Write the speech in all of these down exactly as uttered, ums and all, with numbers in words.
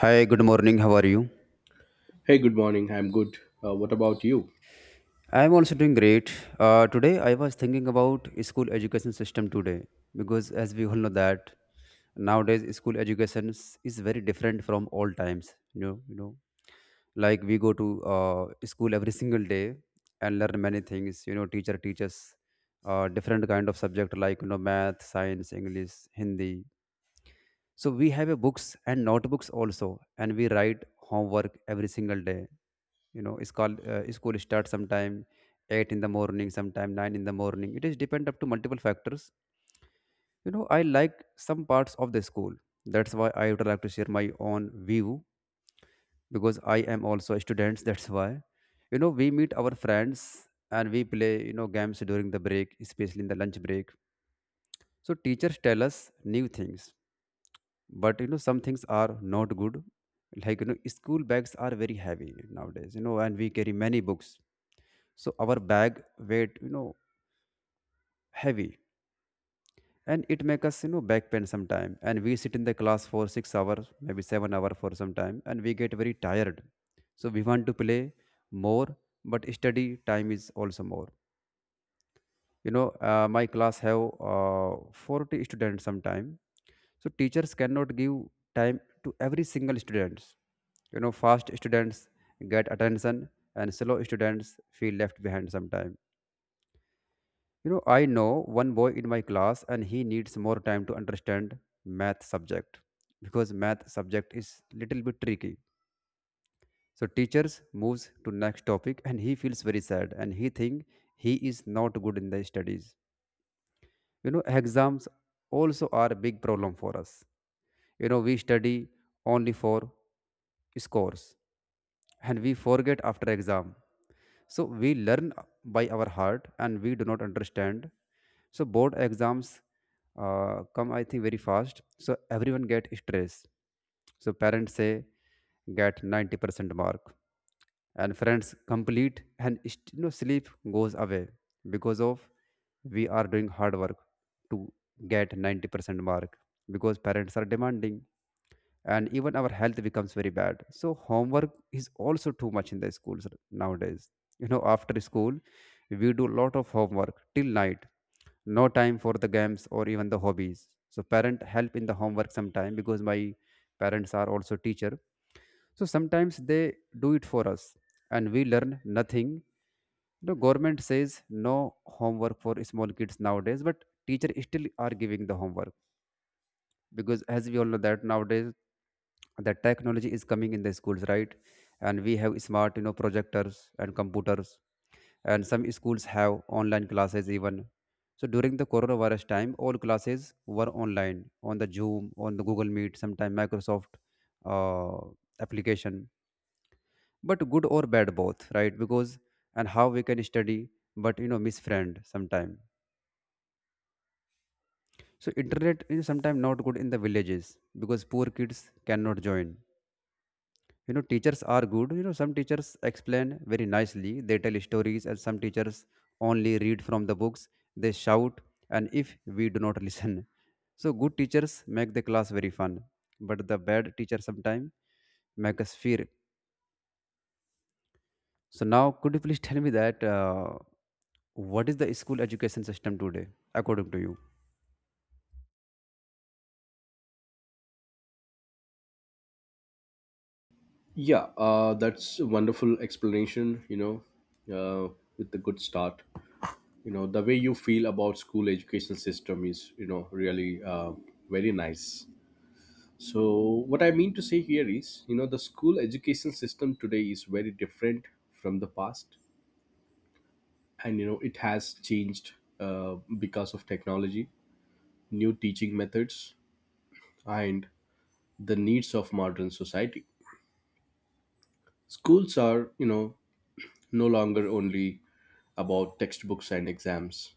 Hi, good morning. How are you? Hey, good morning. I'm good. Uh, what about you? I'm also doing great. Uh, today I was thinking about school education system today because as we all know that nowadays school education is is very different from old times. You know, you know, like we go to uh, school every single day and learn many things. You know, teacher teaches uh, different kind of subject like you know math, science, English, Hindi. So we have a books and notebooks also, and we write homework every single day you know school uh, school starts sometime eight in the morning, sometime nine in the morning. It is depend up to multiple factors. you know I like some parts of the school. That's why I would like to share my own view because I am also a student that's why. You know we meet our friends and we play you know games during the break, especially in the lunch break. So teachers tell us new things, but you know some things are not good. Like you know school bags are very heavy nowadays, you know and we carry many books, so our bag weight you know heavy and it make us you know back pain sometime. And we sit in the class for six hours, maybe seven hour for some time, and we get very tired. So we want to play more, but study time is also more. You know uh, my class have uh, forty students sometime, so teachers cannot give time to every single students. You know fast students get attention and slow students feel left behind sometime. You know, I know one boy in my class and he needs more time to understand math subject because math subject is little bit tricky. So teachers moves to next topic and he feels very sad and he think he is not good in the studies. You know, exams also are a big problem for us. You know, we study only for scores and we forget after exam. So we learn by our heart and we do not understand. So board exams uh, come I think very fast, so everyone get stressed. So parents say get ninety percent mark and friends complete and st- you know sleep goes away because of we are doing hard work to get ninety percent mark because parents are demanding, and even our health becomes very bad. So homework is also too much in the schools nowadays. You know after school, we do lot of homework till night, no time for the games or even the hobbies. So parent help in the homework sometime because my parents are also teacher, so sometimes they do it for us and we learn nothing. The government says no homework for small kids nowadays, but teacher still are giving the homework because as we all know that nowadays the technology is coming in the schools, right? And we have smart you know projectors and computers, and some schools have online classes even. So during the coronavirus time, all classes were online on the zoom, on the google meet, sometime microsoft uh, application. But good or bad, both, right? Because and how we can study, but you know miss friend sometime. So internet is sometimes not good in the villages because poor kids cannot join. You know teachers are good. You know some teachers explain very nicely, they tell stories, and some teachers only read from the books, they shout, and if we do not listen. So good teachers make the class very fun, but the bad teacher sometimes make us fear. So now could you please tell me that uh, what is the school education system today according to you? Yeah, uh, that's a wonderful explanation, you know, uh, with a good start. You know, the way you feel about school education system is, you know, really uh, very nice. So what I mean to say here is, you know, the school education system today is very different from the past. And, you know, it has changed uh, because of technology, new teaching methods, and the needs of modern society. Schools are, you know, no longer only about textbooks and exams.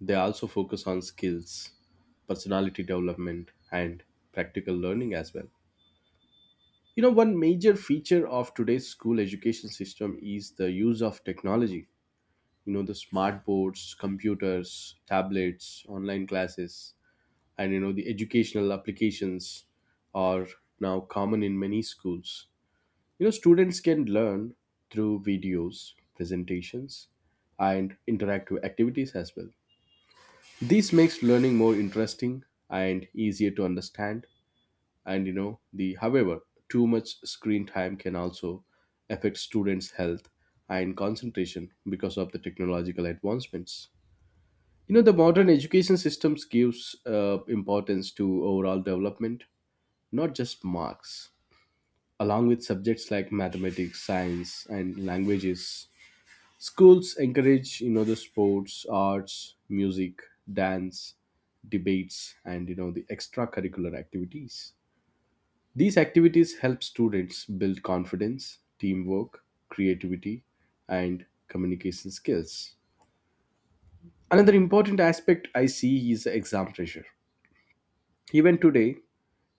They also focus on skills, personality development, and practical learning as well. You know, one major feature of today's school education system is the use of technology. You know, the smart boards, computers, tablets, online classes, and, you know, the educational applications are now common in many schools. You know, students can learn through videos, presentations, and interactive activities as well. This makes learning more interesting and easier to understand. And you know, the however, too much screen time can also affect students' health and concentration because of the technological advancements. You know, the modern education systems gives uh, importance to overall development, not just marks. Along with subjects like mathematics, science, and languages, schools encourage, you know, the sports, arts, music, dance, debates, and you know the extracurricular activities. These activities help students build confidence, teamwork, creativity, and communication skills. Another important aspect I see is the exam pressure. Even today,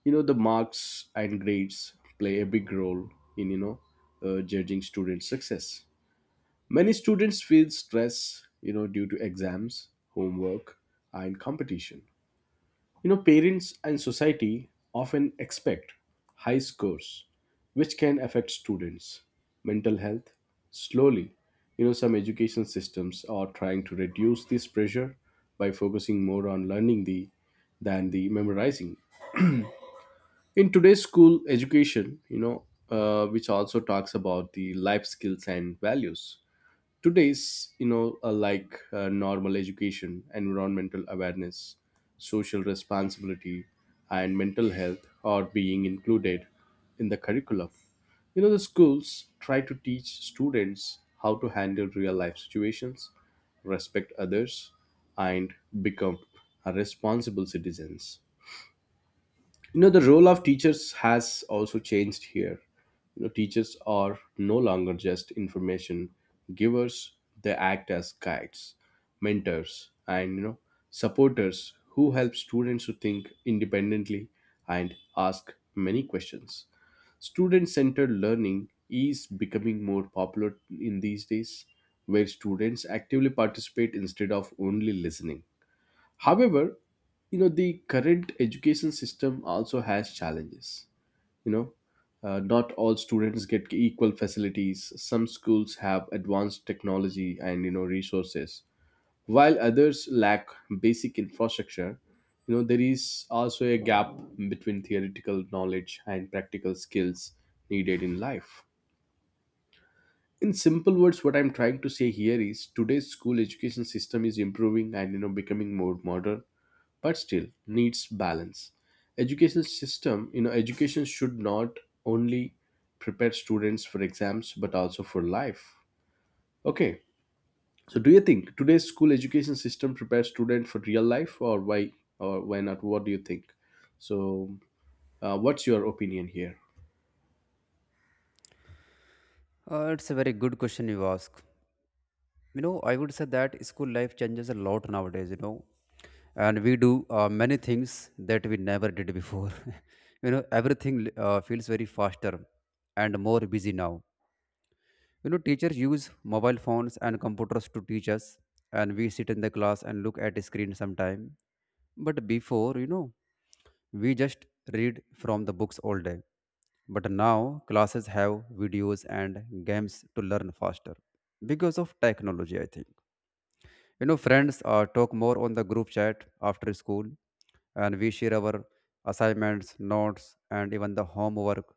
you know, the marks and grades play a big role in, you know, uh, judging students' success. Many students feel stress, you know, due to exams, homework, and competition. You know, parents and society often expect high scores, which can affect students' mental health slowly. You know, some education systems are trying to reduce this pressure by focusing more on learning the than the memorizing. In today's school education, you know, uh, which also talks about the life skills and values today's, you know, uh, like uh, normal education, environmental awareness, social responsibility, and mental health are being included in the curriculum. You know, the schools try to teach students how to handle real life situations, respect others, and become a responsible citizens. You know, the role of teachers has also changed here. You know, teachers are no longer just information givers. They act as guides, mentors, and, you know, supporters who help students to think independently and ask many questions. Student centered learning is becoming more popular in these days, where students actively participate instead of only listening. However, you know the current education system also has challenges. You know, uh, not all students get equal facilities. Some schools have advanced technology and you know resources, while others lack basic infrastructure. You know, there is also a gap between theoretical knowledge and practical skills needed in life. In simple words, what I'm trying to say here is today's school education system is improving and, you know, becoming more modern, but still needs balance. Education system, you know, education should not only prepare students for exams but also for life. Okay, so do you think today's school education system prepares students for real life or why or why not? What do you think? So uh, what's your opinion here? Uh, it's a very good question you ask. you know I would say that school life changes a lot nowadays. You know and we do uh, many things that we never did before. You know everything uh, feels very faster and more busy now. You know teachers use mobile phones and computers to teach us, and we sit in the class and look at a screen sometime. But before, you know we just read from the books all day. But now classes have videos and games to learn faster because of technology, I think. You know, friends uh, talk more on the group chat after school, and we share our assignments, notes, and even the homework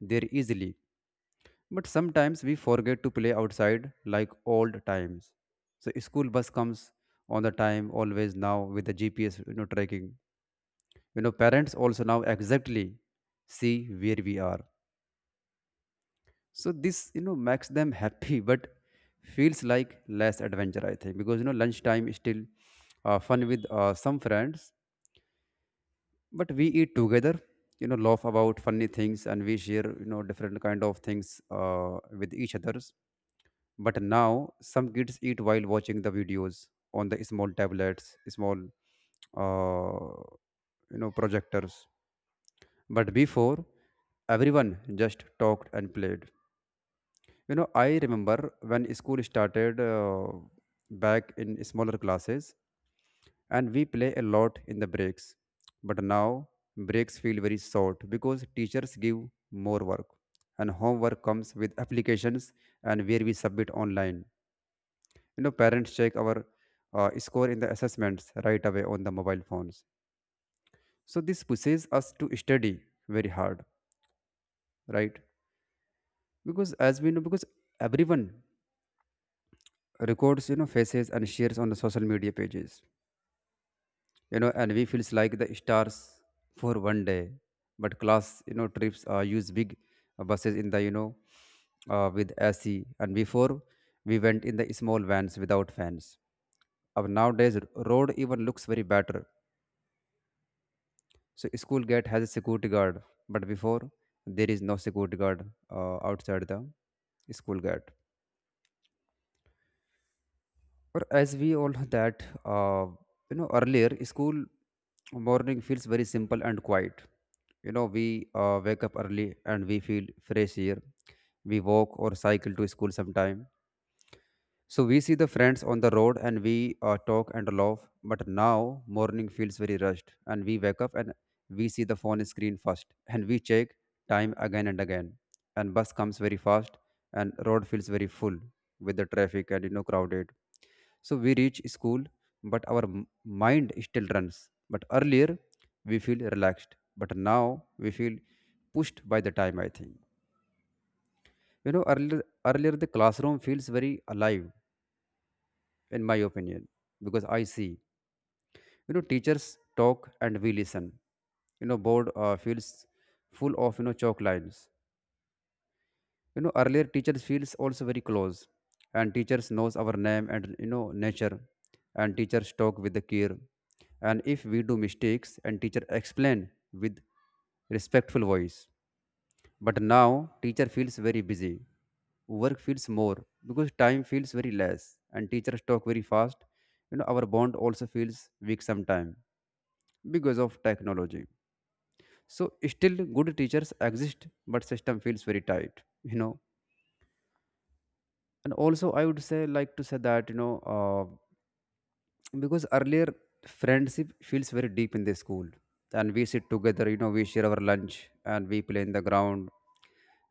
there easily. But sometimes we forget to play outside like old times. So school bus comes on the time always now with the G P S you know tracking. You know, parents also now exactly see where we are. So this you know makes them happy but feels like less adventure, I think. Because you know lunchtime is still uh, fun with uh, some friends, but we eat together, you know laugh about funny things, and we share you know different kind of things uh, with each others. But now some kids eat while watching the videos on the small tablets, small uh, you know projectors. But before, everyone just talked and played. You know, I remember when school started uh, back in smaller classes, and we play a lot in the breaks. But now breaks feel very short because teachers give more work, and homework comes with applications and where we submit online. You know, parents check our uh, score in the assessments right away on the mobile phones. So this pushes us to study very hard, right? Because as we know, because everyone records you know faces and shares on the social media pages. You know and we feels like the stars for one day. But class you know trips uh, use big uh, buses in the you know uh, with ac. And before, we went in the small vans without fans. Our nowadays road even looks very better. So school gate has a security guard, but before there is no security guard uh, outside the school gate. Or as we all know that uh, you know earlier school morning feels very simple and quiet. You know we uh, wake up early and we feel fresh here. We walk or cycle to school sometime, so we see the friends on the road and we uh, talk and laugh. But now morning feels very rushed, and we wake up and we see the phone screen first, and we check time again and again, and bus comes very fast and road feels very full with the traffic and you know crowded. So we reach school, but our m- mind still runs. But earlier, we feel relaxed, but now we feel pushed by the time. I think you know earlier earlier the classroom feels very alive, in my opinion, because I see you know teachers talk and we listen. You know, board uh, feels full of you know chalk lines. You know earlier teachers feels also very close, and teachers knows our name and you know nature, and teachers talk with the care. And if we do mistakes and teacher explain with respectful voice. But now teacher feels very busy, work feels more because time feels very less and teachers talk very fast. You know our bond also feels weak sometime because of technology. So still good teachers exist, but system feels very tight, you know and also I would say like to say that you know uh, because earlier friendship feels very deep in the school, and we sit together, you know we share our lunch, and we play in the ground,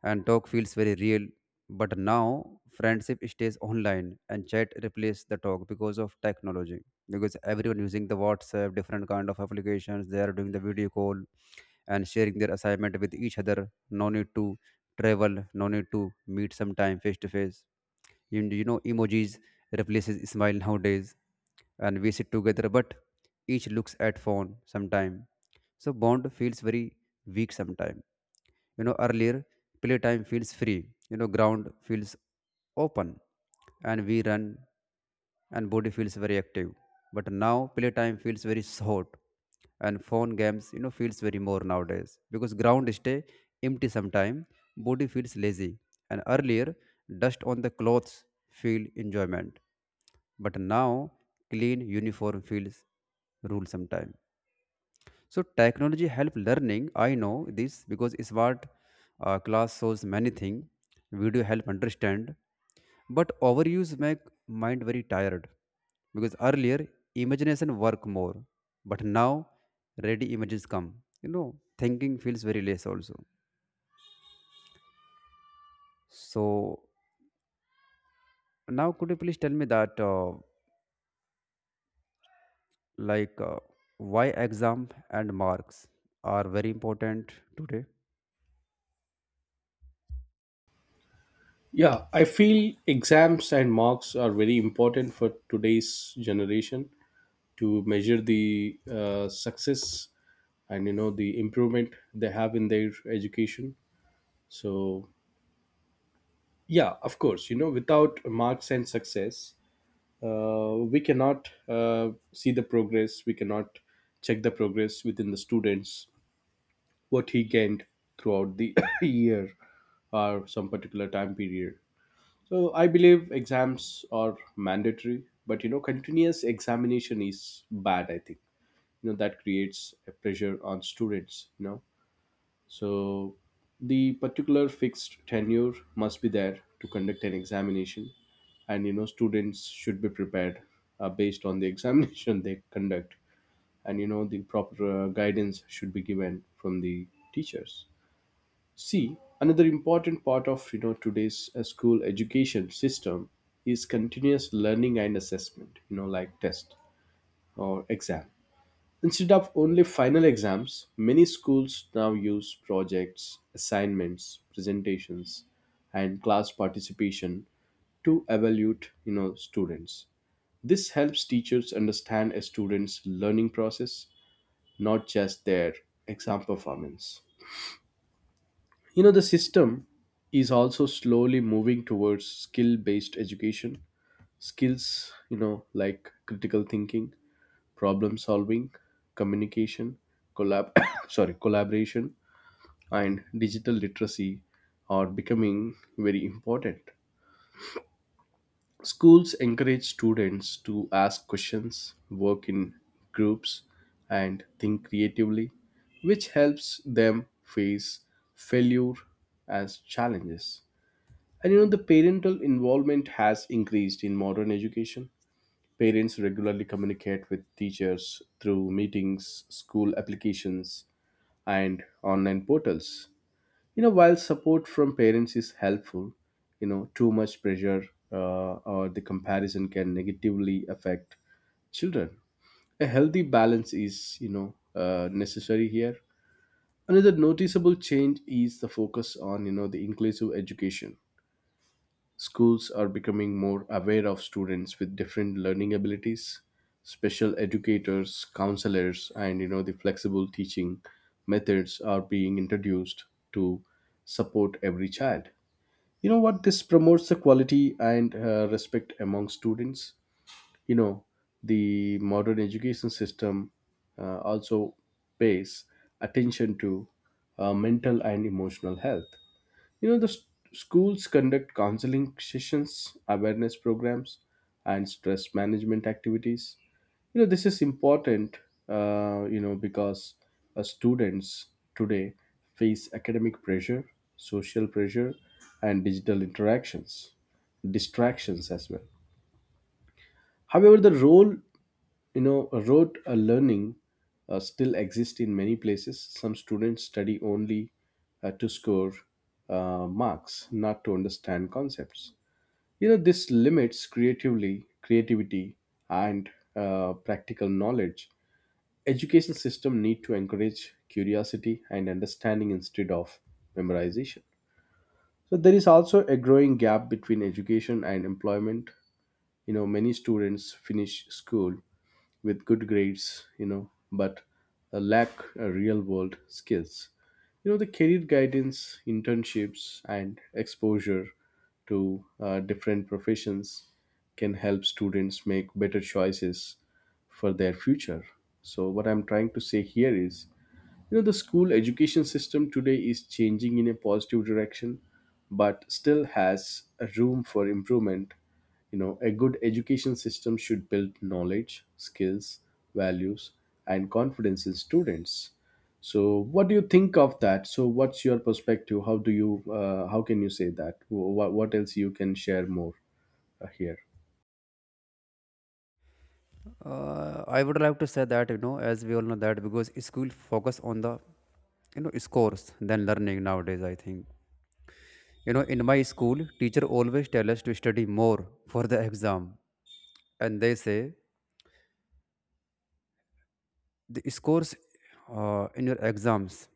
and talk feels very real. But now friendship stays online and chat replace the talk because of technology, because everyone using the whatsapp, different kind of applications, they are doing the video call and sharing their assignment with each other. No need to travel, no need to meet sometime face to face. You, you know, emojis replaces smile nowadays, and we sit together, but each looks at phone sometime. So bond feels very weak sometime. You know, earlier playtime feels free. You know, ground feels open, and we run and body feels very active. But now playtime feels very short and phone games you know feels very more nowadays because ground stay empty sometime, body feels lazy. And earlier, dust on the clothes feel enjoyment, but now clean uniform feels rule sometime. So technology help learning. I know this because smart uh, class shows many things. Video help understand, but overuse make mind very tired. Because earlier imagination work more, but now ready images come. You know, thinking feels very less also. So now could you please tell me that uh, like uh, why exam and marks are very important today? Yeah, I feel exams and marks are very important for today's generation to measure the uh, success and, you know, the improvement they have in their education. So, yeah, of course, you know, without marks and success, uh, we cannot uh, see the progress, we cannot check the progress within the students, what he gained throughout the year or some particular time period. So, I believe exams are mandatory, but you know, continuous examination is bad, I think. You know, that creates a pressure on students, you know. So the particular fixed tenure must be there to conduct an examination, and you know students should be prepared uh, based on the examination they conduct, and you know the proper uh, guidance should be given from the teachers. See, another important part of you know today's uh, school education system is continuous learning and assessment. You know, like test or exam. Instead of only final exams, many schools now use projects, assignments, presentations, and class participation to evaluate, you know, students. This helps teachers understand a student's learning process, not just their exam performance. You know, the system is also slowly moving towards skill-based education. Skills, you know, like critical thinking, problem solving, communication, collab sorry, collaboration and digital literacy are becoming very important. Schools encourage students to ask questions, work in groups and think creatively, which helps them face failure as challenges. And you know the parental involvement has increased in modern education. Parents regularly communicate with teachers through meetings, school applications, and online portals. You know, while support from parents is helpful, you know, too much pressure uh, or the comparison can negatively affect children. A healthy balance is, you know, uh, necessary here. Another noticeable change is the focus on, you know, the inclusive education. Schools are becoming more aware of students with different learning abilities. Special educators, counselors, and you know the flexible teaching methods are being introduced to support every child. You know what? This promotes the quality and uh, respect among students. You know, the modern education system uh, also pays attention to uh, mental and emotional health. You know, the s schools conduct counseling sessions, awareness programs, and stress management activities. You know, this is important, uh, you know, because uh, students today face academic pressure, social pressure, and digital interactions, distractions as well. However, the role you know rote uh, learning uh, still exists in many places. Some students study only uh, to score uh, marks, not to understand concepts. You know, this limits creatively creativity and uh, practical knowledge. Education system need to encourage curiosity and understanding instead of memorization. So there is also a growing gap between education and employment. You know, many students finish school with good grades, you know, but uh, lack uh, real world skills. You know, the career guidance, internships, and exposure to uh, different professions can help students make better choices for their future. So, what I'm trying to say here is, you know, the school education system today is changing in a positive direction, but still has a room for improvement. You know, a good education system should build knowledge, skills, values, and confidence in students. So, what do you think of that? So, what's your perspective? How do you, uh, how can you say that? What, what else you can share more uh, here? Uh, I would like to say that you know, as we all know that because school focus on the you know scores than learning nowadays. I think you know in my school, teacher always tell us to study more for the exam, and they say the scores uh, in your exams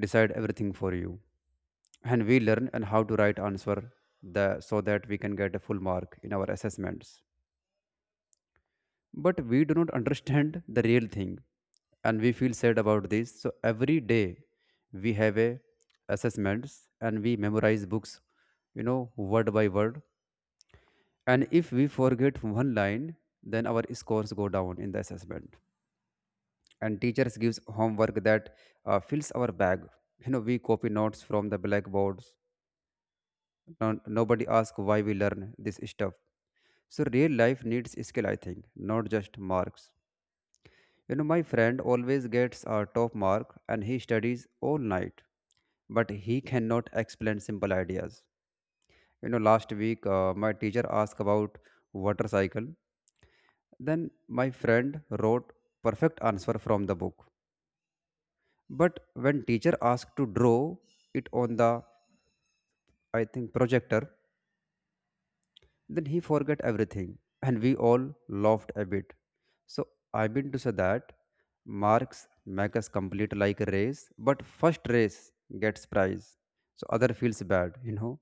decide everything for you, and we learn and how to write answer the so that we can get a full mark in our assessments. But we do not understand the real thing, and we feel sad about this. So every day we have a assessments and we memorize books, you know, word by word, and if we forget one line, then our scores go down in the assessment, and teachers gives homework that uh, fills our bag. You know, we copy notes from the blackboards. No, nobody asks why we learn this stuff. So real life needs skill, I think, not just marks. You know, my friend always gets a top mark and he studies all night, but he cannot explain simple ideas. You know, last week uh, my teacher asked about water cycle. Then my friend wrote perfect answer from the book. But when teacher asked to draw it on the, I think, projector, then he forgot everything, and we all laughed a bit. So I mean to say that marks make us complete like a race, but first race gets prize. So other feels bad, you know.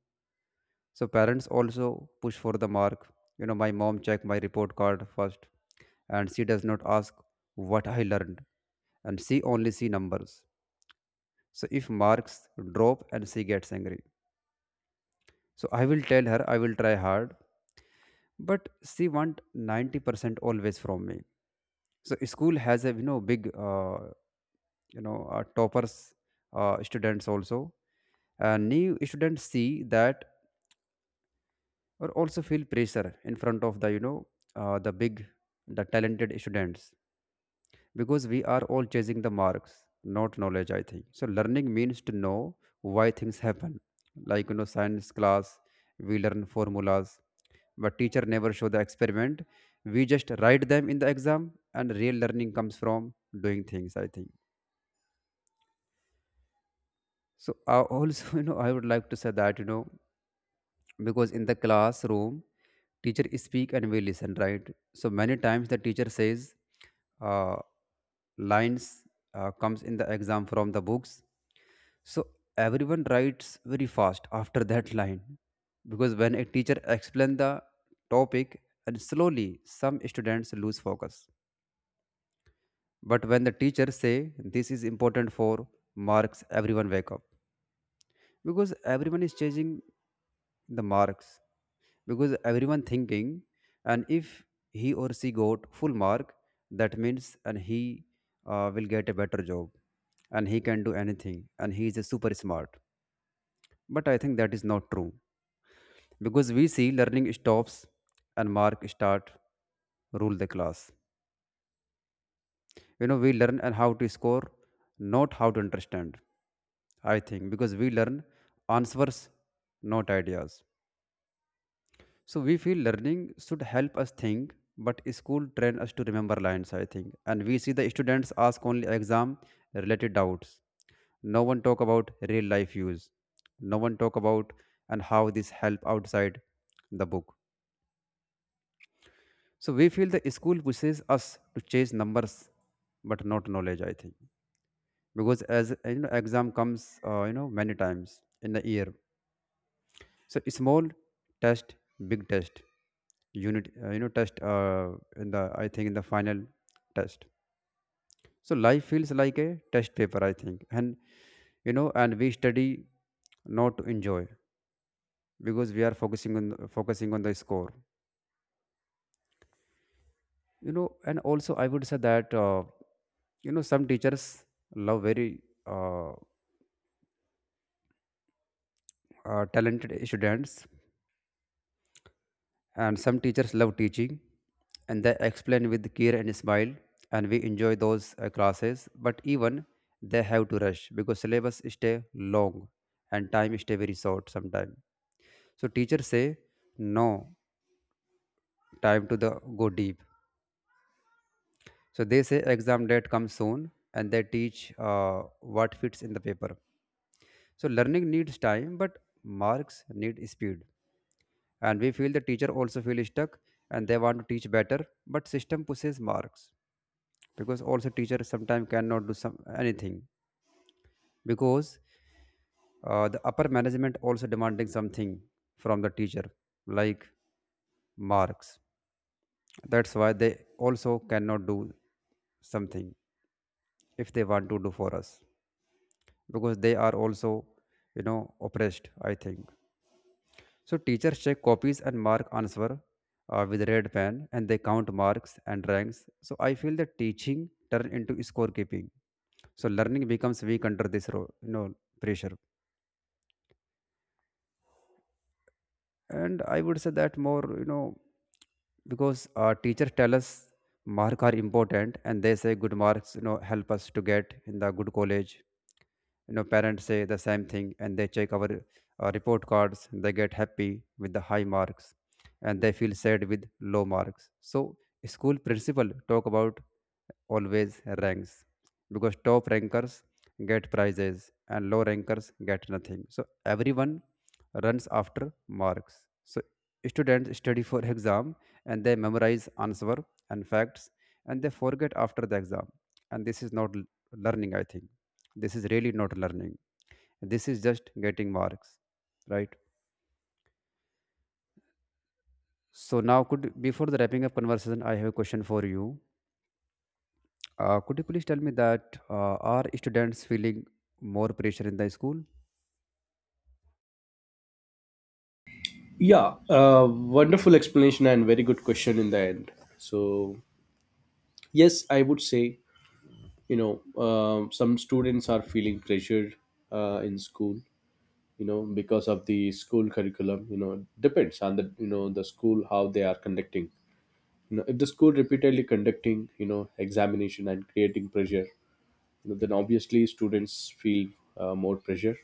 So parents also push for the mark. You know, my mom check my report card first, and she does not ask what I learned, and she only see numbers. So if marks drop and she gets angry. So I will tell her I will try hard, but she want ninety percent always from me. So school has a you know big uh, you know uh, toppers uh, students also uh, new students see that or also feel pressure in front of the you know uh, the big the talented students, because we are all chasing the marks, not knowledge, I think. So learning means to know why things happen, like, you know, science class, we learn formulas, but teacher never show the experiment. We just write them in the exam, and real learning comes from doing things, I think. So I also, you know, I would like to say that, you know, because in the classroom, teacher speak and we listen, right? So many times the teacher says uh, lines uh, comes in the exam from the books. So everyone writes very fast after that line, because when a teacher explain the topic and slowly some students lose focus. But when the teacher say this is important for marks, everyone wake up, because everyone is chasing the marks, because everyone thinking, and if he or she got full mark, that means and he uh, will get a better job, and he can do anything and he is a super smart. But I think that is not true, because we see learning stops and mark start rule the class. You know, we learn and how to score, not how to understand, I think, because we learn answers, not ideas. So we feel learning should help us think, but school train us to remember lines, I think. And we see the students ask only exam related doubts. No one talk about real life use. No one talk about and how this help outside the book. So we feel the school pushes us to chase numbers, but not knowledge, I think. Because as uh, you know, exam comes, uh, you know, many times in the year, so small test, big test. Unit, uh, you know, test. Uh, in the, I think, in the final test. So life feels like a test paper, I think, and you know, and we study not to enjoy because we are focusing on focusing on the score. You know, and also I would say that uh, you know some teachers love very uh, uh, talented students, and some teachers love teaching and they explain with care and smile, and we enjoy those uh, classes. But even they have to rush because syllabus stay long and time stay very short sometimes. So teachers say no time to the go deep. So they say exam date comes soon and they teach uh, what fits in the paper. So learning needs time, but marks need speed, and we feel the teacher also feel stuck, and they want to teach better, but system pushes marks, because also teacher sometimes cannot do some anything, because uh, the upper management also demanding something from the teacher, like marks. That's why they also cannot do something if they want to do for us, because they are also, you know, oppressed, I think. So teachers check copies and mark answer uh, with red pen, and they count marks and ranks. So I feel that teaching turn into scorekeeping. So learning becomes weak under this ro- you know pressure. And I would say that more, you know, because our teachers tell us marks are important, and they say good marks, you know, help us to get in the good college. You know, parents say the same thing, and they check our uh, report cards. They get happy with the high marks and they feel sad with low marks. So school principal talk about always ranks, because top rankers get prizes and low rankers get nothing. So everyone runs after marks. So students study for exam, and they memorize answer and facts, and they forget after the exam, and this is not l- learning, I think. This is really not learning. This is just getting marks, right? So now could, before the wrapping up conversation, I have a question for you. Uh, could you please tell me that uh, are students feeling more pressure in the school? Yeah, uh, wonderful explanation and very good question in the end. So, yes, I would say, you know, um, some students are feeling pressured uh, in school, you know, because of the school curriculum. You know, depends on the, you know, the school how they are conducting. You know, if the school repeatedly conducting, you know, examination and creating pressure, you know, then obviously students feel uh, more pressure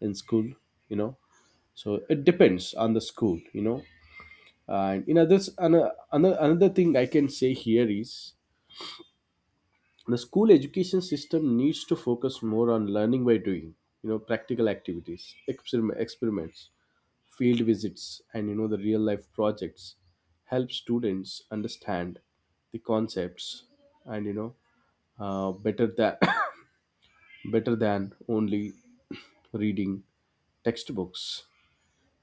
in school, you know. So it depends on the school, you know. And in others, another another thing I can say here is the school education system needs to focus more on learning by doing. You know, practical activities, experim- experiments, field visits, and you know the real life projects help students understand the concepts and, you know, uh, better than better than only reading textbooks.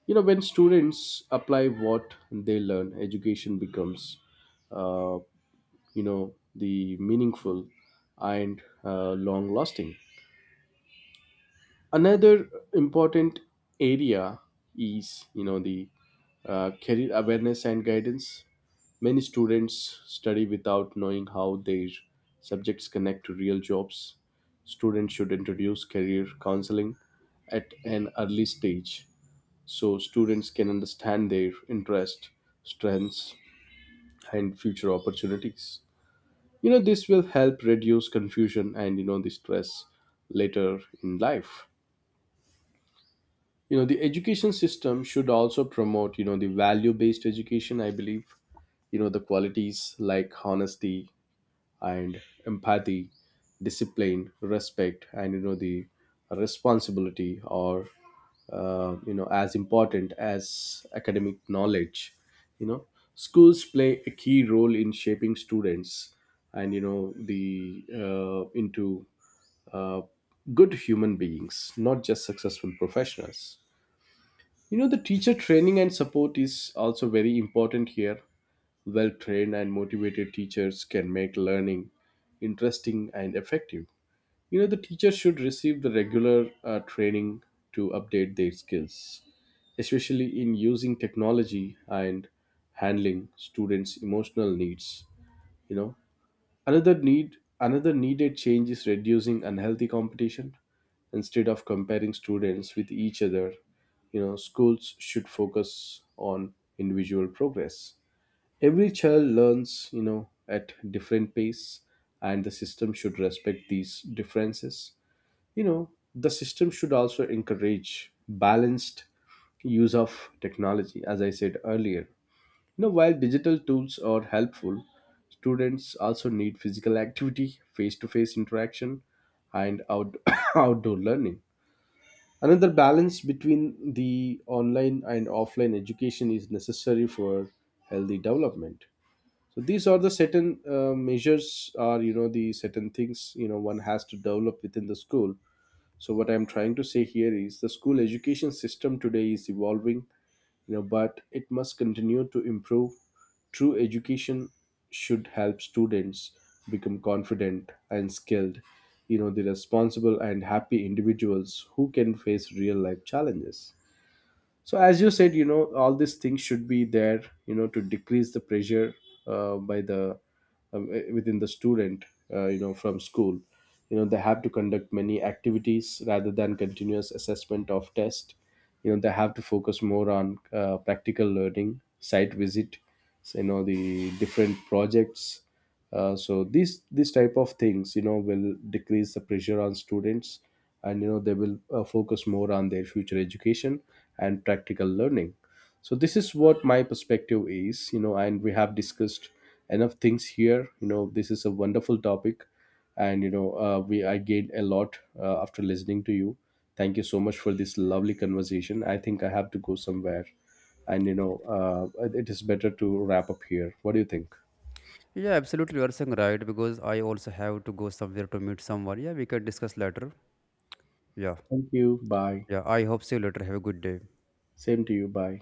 You know, when students apply what they learn, education becomes, uh, you know, the meaningful and uh, long lasting. Another important area is, you know, the uh, career awareness and guidance. Many students study without knowing how their subjects connect to real jobs. Students should introduce career counseling at an early stage so students can understand their interest, strengths, and future opportunities. You know, this will help reduce confusion and, you know, the stress later in life. You know, the education system should also promote, you know, the value based education, I believe. You know, the qualities like honesty and empathy, discipline, respect, and, you know, the responsibility are, uh, you know, as important as academic knowledge. You know, schools play a key role in shaping students and, you know, the uh, into uh, good human beings, not just successful professionals. You know, the teacher training and support is also very important here. Well trained and motivated teachers can make learning interesting and effective. You know, the teachers should receive the regular uh, training to update their skills, especially in using technology and handling students' emotional needs. You know, another need another needed change is reducing unhealthy competition. Instead of comparing students with each other, you know, schools should focus on individual progress. Every child learns, you know, at different pace, and the system should respect these differences. You know, the system should also encourage balanced use of technology, as I said earlier. You know, while digital tools are helpful, students also need physical activity, face to face interaction, and out- outdoor learning. Another balance between the online and offline education is necessary for healthy development. So these are the certain uh, measures are, you know, the certain things, you know, one has to develop within the school. So what I'm trying to say here is the school education system today is evolving, you know, but it must continue to improve. True education should help students become confident and skilled, you know, the responsible and happy individuals who can face real life challenges. So as you said, you know, all these things should be there, you know, to decrease the pressure uh, by the um, eh, within the student, uh, you know, from school. You know, they have to conduct many activities rather than continuous assessment of test. You know, they have to focus more on uh, practical learning, site visit, you know, the different projects. Uh, so these these type of things, you know, will decrease the pressure on students, and you know they will uh, focus more on their future education and practical learning. So this is what my perspective is, you know, and we have discussed enough things here. You know, this is a wonderful topic, and you know uh, we I gained a lot uh, after listening to you. Thank you so much for this lovely conversation. I think I have to go somewhere, and you know uh, it is better to wrap up here. What do you think? Yeah, absolutely, you are saying right, because I also have to go somewhere to meet someone. Yeah, we can discuss later. Yeah. Thank you. Bye. Yeah, I hope see you later. Have a good day. Same to you. Bye.